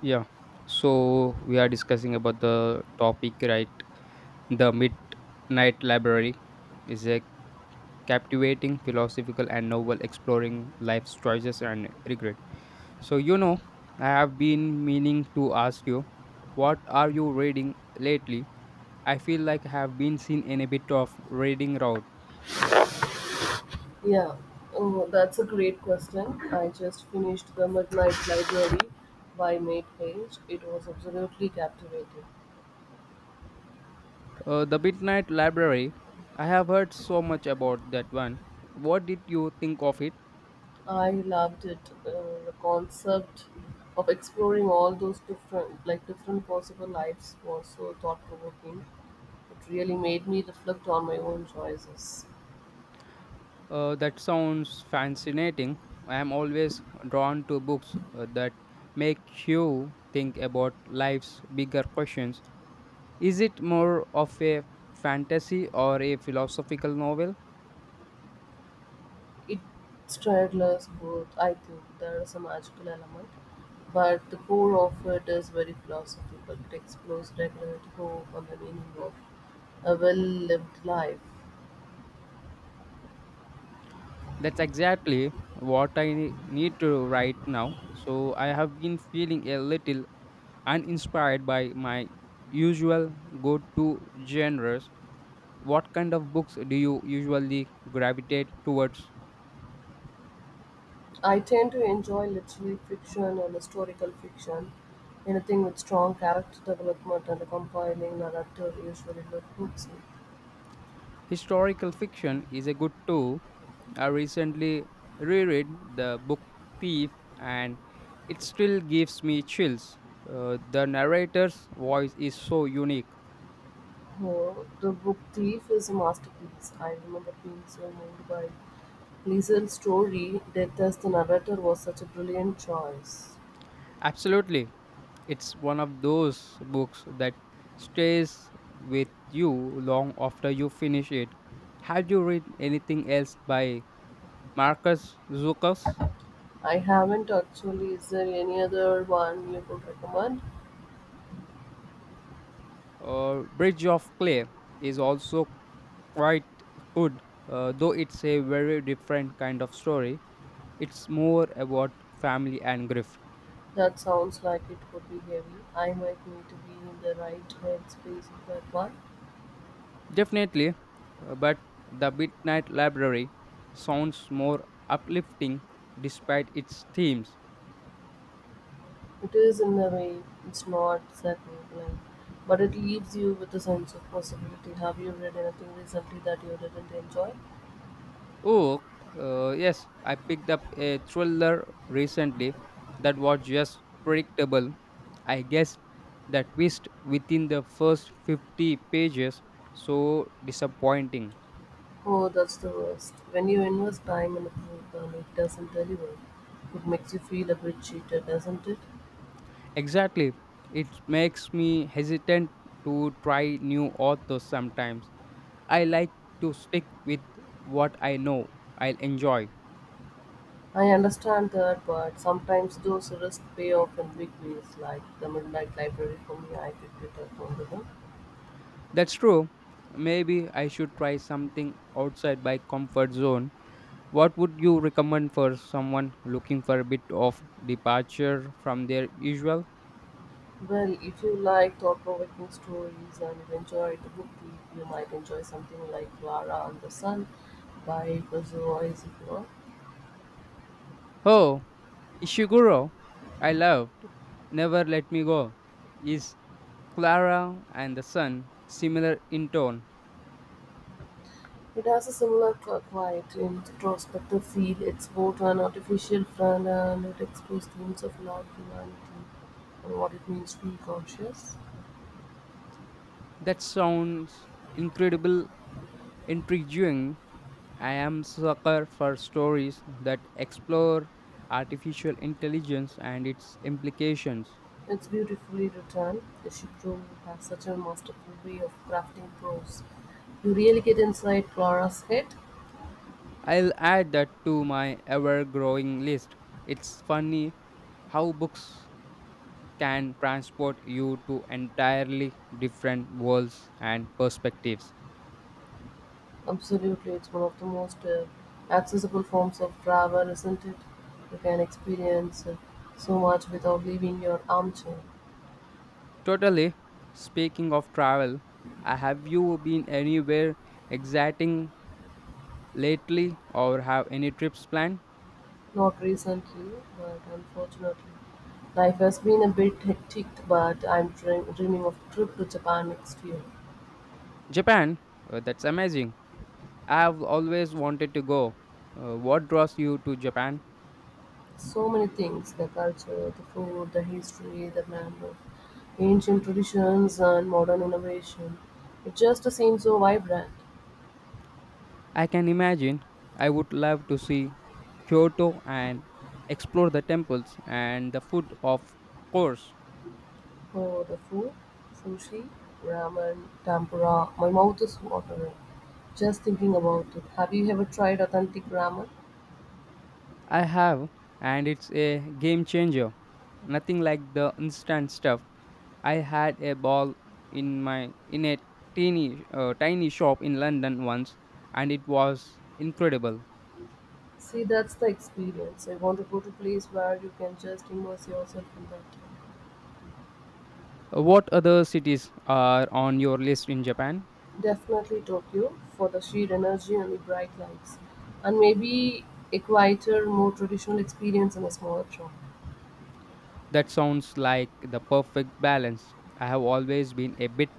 Yeah, so we are discussing about the topic, right? The Midnight Library is a captivating, philosophical, and novel exploring life's choices and regret. So, you know, I have been meaning to ask you, what are you reading lately? I feel like I have been seen in a bit of reading route. Yeah, oh, that's a great question. I just finished The Midnight Library by Nate Page. It was absolutely captivating. The Midnight Library, I have heard so much about that one. What did you think of it? I loved it. The concept of exploring all those different, different possible lives, was so thought provoking. It really made me reflect on my own choices. That sounds fascinating. I am always drawn to books that make you think about life's bigger questions. Is it more of a fantasy or a philosophical novel? It straddles both. I think there is a magical element, but the core of it is very philosophical. It explores regularity, hope, and the meaning of a well lived life. That's exactly what I need to write now. So I have been feeling a little and inspired by my usual go to genres, what kind of books do you usually gravitate towards? I tend to enjoy literary fiction and historical fiction. Anything with strong character development and a compelling narrative usually look hooks me. Historical fiction is a good too. I recently reread the book Thief and it still gives me chills. The narrator's voice is so unique. Oh, the Book Thief is a masterpiece. I remember being so moved by Liesl's story. "Death as the Narrator" was such a brilliant choice. Absolutely. It's one of those books that stays with you long after you finish it. Have you read anything else by Marcus Zucus, I haven't actually. Is there any other one you could recommend? Bridge of Clay is also quite good, though it's a very different kind of story. It's more about family and grief. That sounds like it could be heavy. I might need to be in the right headspace for that one. Definitely, but The Midnight Library sounds more uplifting despite its themes. It is in a way. It's not that moving, but it leaves you with a sense of possibility. Have you read anything recently that you didn't enjoy? Oh, yes, I picked up a thriller recently that was just predictable. I guess the twist within the first 50 pages so disappointing. Oh, that's the worst. When you invest time in a book and it doesn't deliver, it makes you feel a bit cheated, doesn't it? Exactly. It makes me hesitant to try new authors sometimes. I like to stick with what I know I'll enjoy. I understand that, but sometimes those risks pay off in big ways, like the Midnight Library for me, I picked it up on the book. That's true. Maybe I should try something outside my comfort zone. What would you recommend for someone looking for a bit of departure from their usual? Well, if you like thought provoking stories and you enjoyed the book thief, you might enjoy something like Clara and the Sun by Kazuo Ishikawa. Oh, Ishiguro, I loved. Never Let Me Go. Is Clara and the Sun similar in tone? It has a similar quiet, introspective feel. It's both an artificial friend and it explores themes of love, humanity, and what it means to be conscious. That sounds incredible, intriguing. I am sucker for stories that explore artificial intelligence and its implications. It's beautifully written. Ishiguro has such a masterful way of crafting prose. You really get inside Clara's head. I'll add that to my ever growing list. It's funny how books can transport you to entirely different worlds and perspectives. Absolutely, it's one of the most accessible forms of travel, isn't it? You can experience so much without leaving your armchair. Totally. Speaking of travel, have you been anywhere exciting lately or have any trips planned? Not recently, but unfortunately. Life has been a bit hectic, but I'm dreaming of a trip to Japan next year. Japan, that's amazing. I've always wanted to go. What draws you to Japan? So many things: the culture, the food, the history, the glamour, ancient traditions, and modern innovation. It just seems so vibrant. I can imagine. I would love to see Kyoto and explore the temples and the food, of course. Oh, the food, sushi, ramen, tempura. My mouth is watering just thinking about it. Have you ever tried authentic ramen? I have, and it's a game changer. Nothing like the instant stuff. I had a ball in my in a tiny tiny shop in London once, and it was incredible. See, that's the experience. I want to go to a place where you can just immerse yourself in that. What other cities are on your list in Japan? Definitely Tokyo, for the sheer energy and the bright lights. And maybe a quieter, more traditional experience in a smaller town. That sounds like the perfect balance. I have always been a bit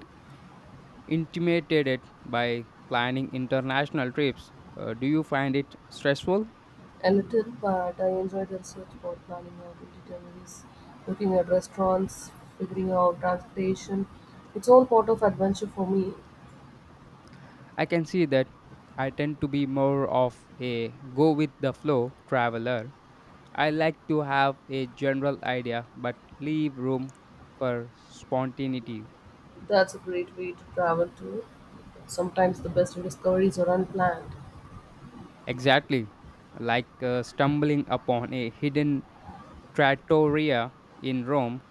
intimidated by planning international trips. Do you find it stressful? A little, but I enjoyed the research about planning out itineraries, looking at restaurants, figuring out transportation. It's all part of adventure for me. I can see that I tend to be more of a go with the flow traveler. I like to have a general idea but leave room for spontaneity. That's a great way to travel too. Sometimes the best discoveries are unplanned. Exactly, like stumbling upon a hidden trattoria in Rome.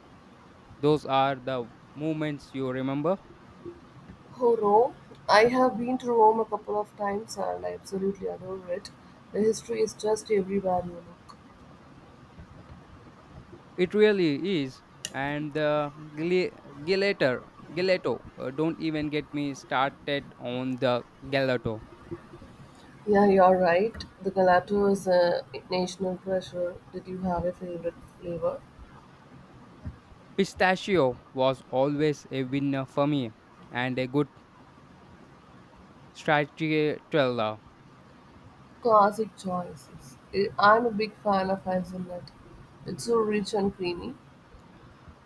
Those are the moments you remember. Oh, Rome. I have been to Rome a couple of times and I absolutely adore it. The history is just everywhere you look. It really is. And the gelator, gelato, don't even get me started on the gelato. Yeah, you're right. The gelato is a national treasure. Did you have a favorite flavor? Pistachio was always a winner for me and a good stracciatella. Classic choices. I'm a big fan of hazelnut. It's so rich and creamy.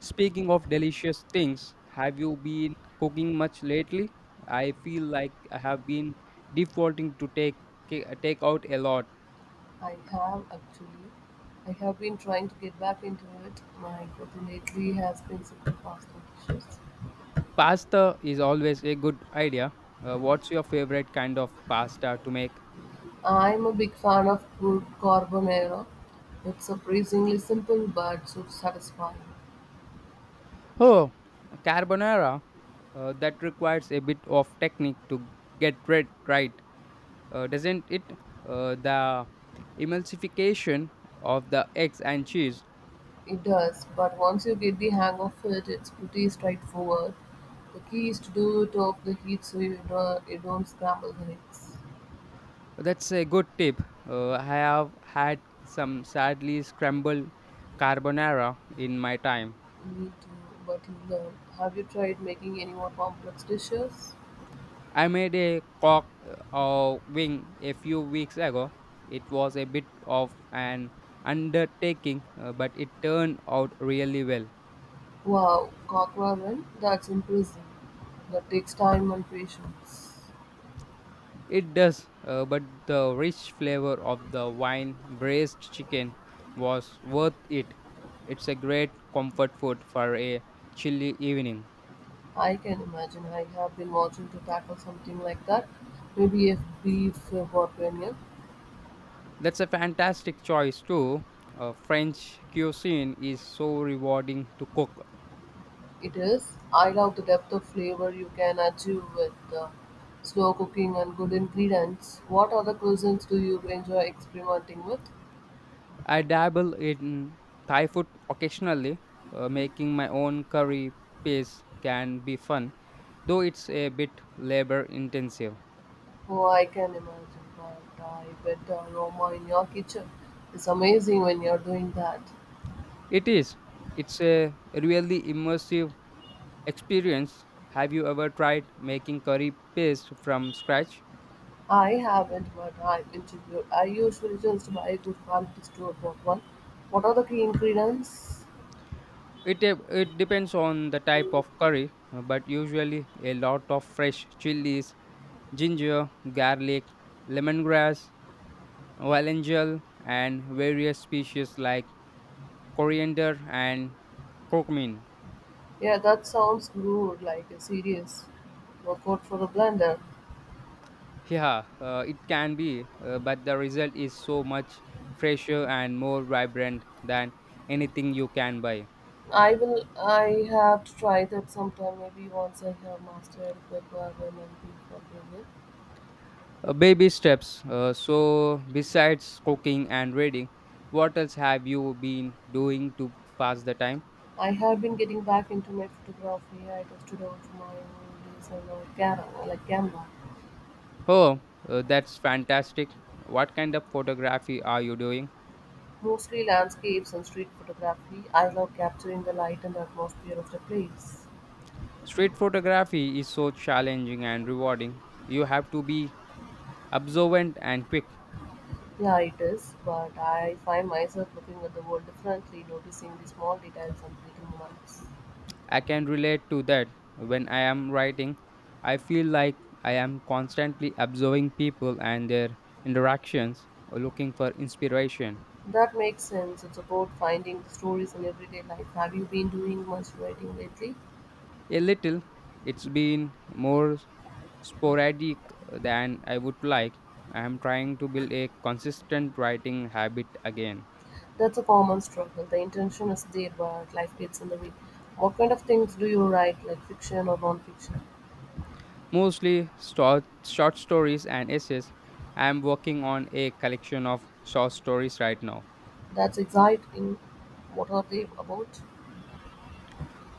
Speaking of delicious things, have you been cooking much lately? I feel like I have been defaulting to take take out a lot. I have actually. I have been trying to get back into it. My cooking lately has been super pasta dishes. Pasta is always a good idea. What's your favorite kind of pasta to make? I'm a big fan of good carbonara. It's surprisingly simple but so satisfying. Oh, carbonara. That requires a bit of technique to get red right, doesn't it? The emulsification of the eggs and cheese. It does, but once you get the hang of it, it's pretty straightforward. The key is to do it off the heat so you don't scramble the eggs. That's a good tip. I have had some sadly scrambled carbonara in my time. You need to, but you learn. Have you tried making any more complex dishes? I made a cock or wing a few weeks ago. It was a bit of an undertaking, but it turned out really well. Wow, cockroach, that's impressive. That takes time and patience. It does, but the rich flavor of the wine braised chicken was worth it. It's a great comfort food for a chilly evening. I can imagine. I have been watching to tackle something like that. Maybe a beef bourguignon. That's a fantastic choice, too. French cuisine is so rewarding to cook. It is. I love the depth of flavor you can achieve with uh, slow cooking and good ingredients. What other cuisines do you enjoy experimenting with? I dabble in Thai food occasionally. Making my own curry paste can be fun, though it's a bit labor intensive. Oh, I can imagine that. I bet the aroma in your kitchen is amazing when you're doing that. It is. It's a really immersive experience have you ever tried making curry paste from scratch I haven't, but I interviewed. I usually just buy a good quality store bought one. What are the key ingredients? It depends on the type of curry but usually a lot of fresh chilies ginger garlic lemongrass valangel and various species like coriander and curcumin Yeah, that sounds good, like a serious workout for the blender. yeah it can be but the result is so much fresher and more vibrant than anything you can buy I will. I have to try that sometime. Maybe once I have mastered Guacamole and beef Bulgarian. Baby steps. So, besides cooking and reading, what else have you been doing to pass the time? I have been getting back into my photography. I dusted off my old days and now Canva, like Canva, Oh, that's fantastic. What kind of photography are you doing? mostly landscapes and street photography. I love capturing the light and the atmosphere of the place. Street photography is so challenging and rewarding. You have to be observant and quick. Yeah, it is, but I find myself looking at the world differently, noticing the small details and little moments. I can relate to that. When I am writing, I feel like I am constantly observing people and their interactions, looking for inspiration. That makes sense. It's about finding the stories in everyday life. Have you been doing much writing lately? A little. It's been more sporadic than I would like. I am trying to build a consistent writing habit again. That's a common struggle. The intention is there, but life gets in the way. What kind of things do you write, like fiction or non-fiction? Mostly short stories and essays. I am working on a collection of short stories right now. That's exciting. What are they about?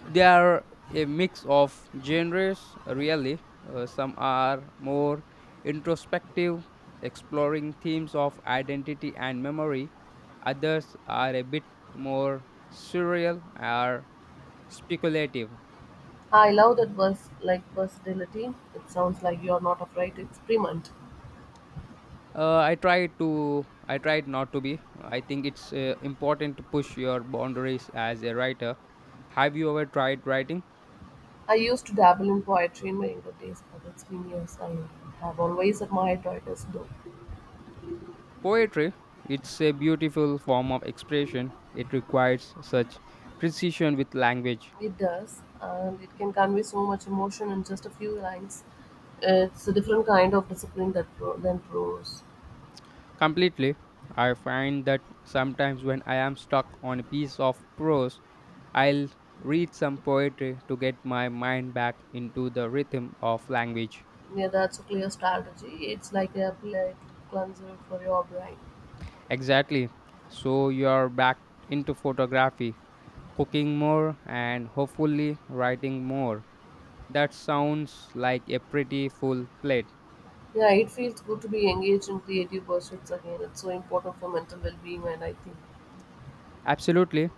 They are a mix of genres, really. Some are more introspective, exploring themes of identity and memory. Others are a bit more surreal or speculative. I love that verse, like versatility. It sounds like you're not afraid to experiment. I try to. I tried not to be. I think it's important to push your boundaries as a writer. Have you ever tried writing? I used to dabble in poetry in my younger days, but it's been years. I have always admired writers, though. Poetry, it's a beautiful form of expression. It requires such precision with language. It does, and it can convey so much emotion in just a few lines. It's a different kind of discipline that than prose. Completely, I find that sometimes when I am stuck on a piece of prose, I'll read some poetry to get my mind back into the rhythm of language. Yeah, that's a clear strategy. It's like a palate cleanser for your brain. Exactly. So you're back into photography, cooking more, and hopefully writing more. That sounds like a pretty full plate. Yeah, it feels good to be engaged in creative pursuits again. It's so important for mental well-being, and I think Absolutely.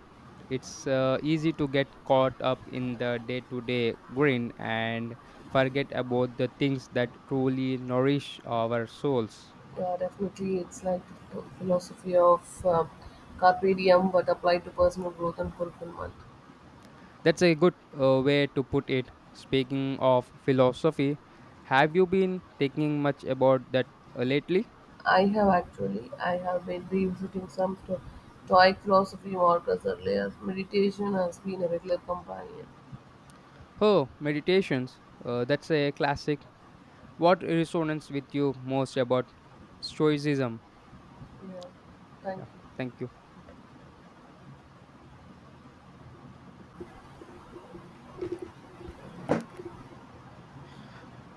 It's easy to get caught up in the day to day grind and forget about the things that truly nourish our souls. yeah, definitely it's like the philosophy of carpe diem, but applied to personal growth and fulfillment. That's a good way to put it. Speaking of philosophy, have you been thinking much about that lately? I have actually, I have been revisiting some Stoic philosophy markers earlier. Meditation has been a regular companion. Oh, meditations. That's a classic. What resonates with you most about Stoicism? Yeah, thank Yeah, you. thank you.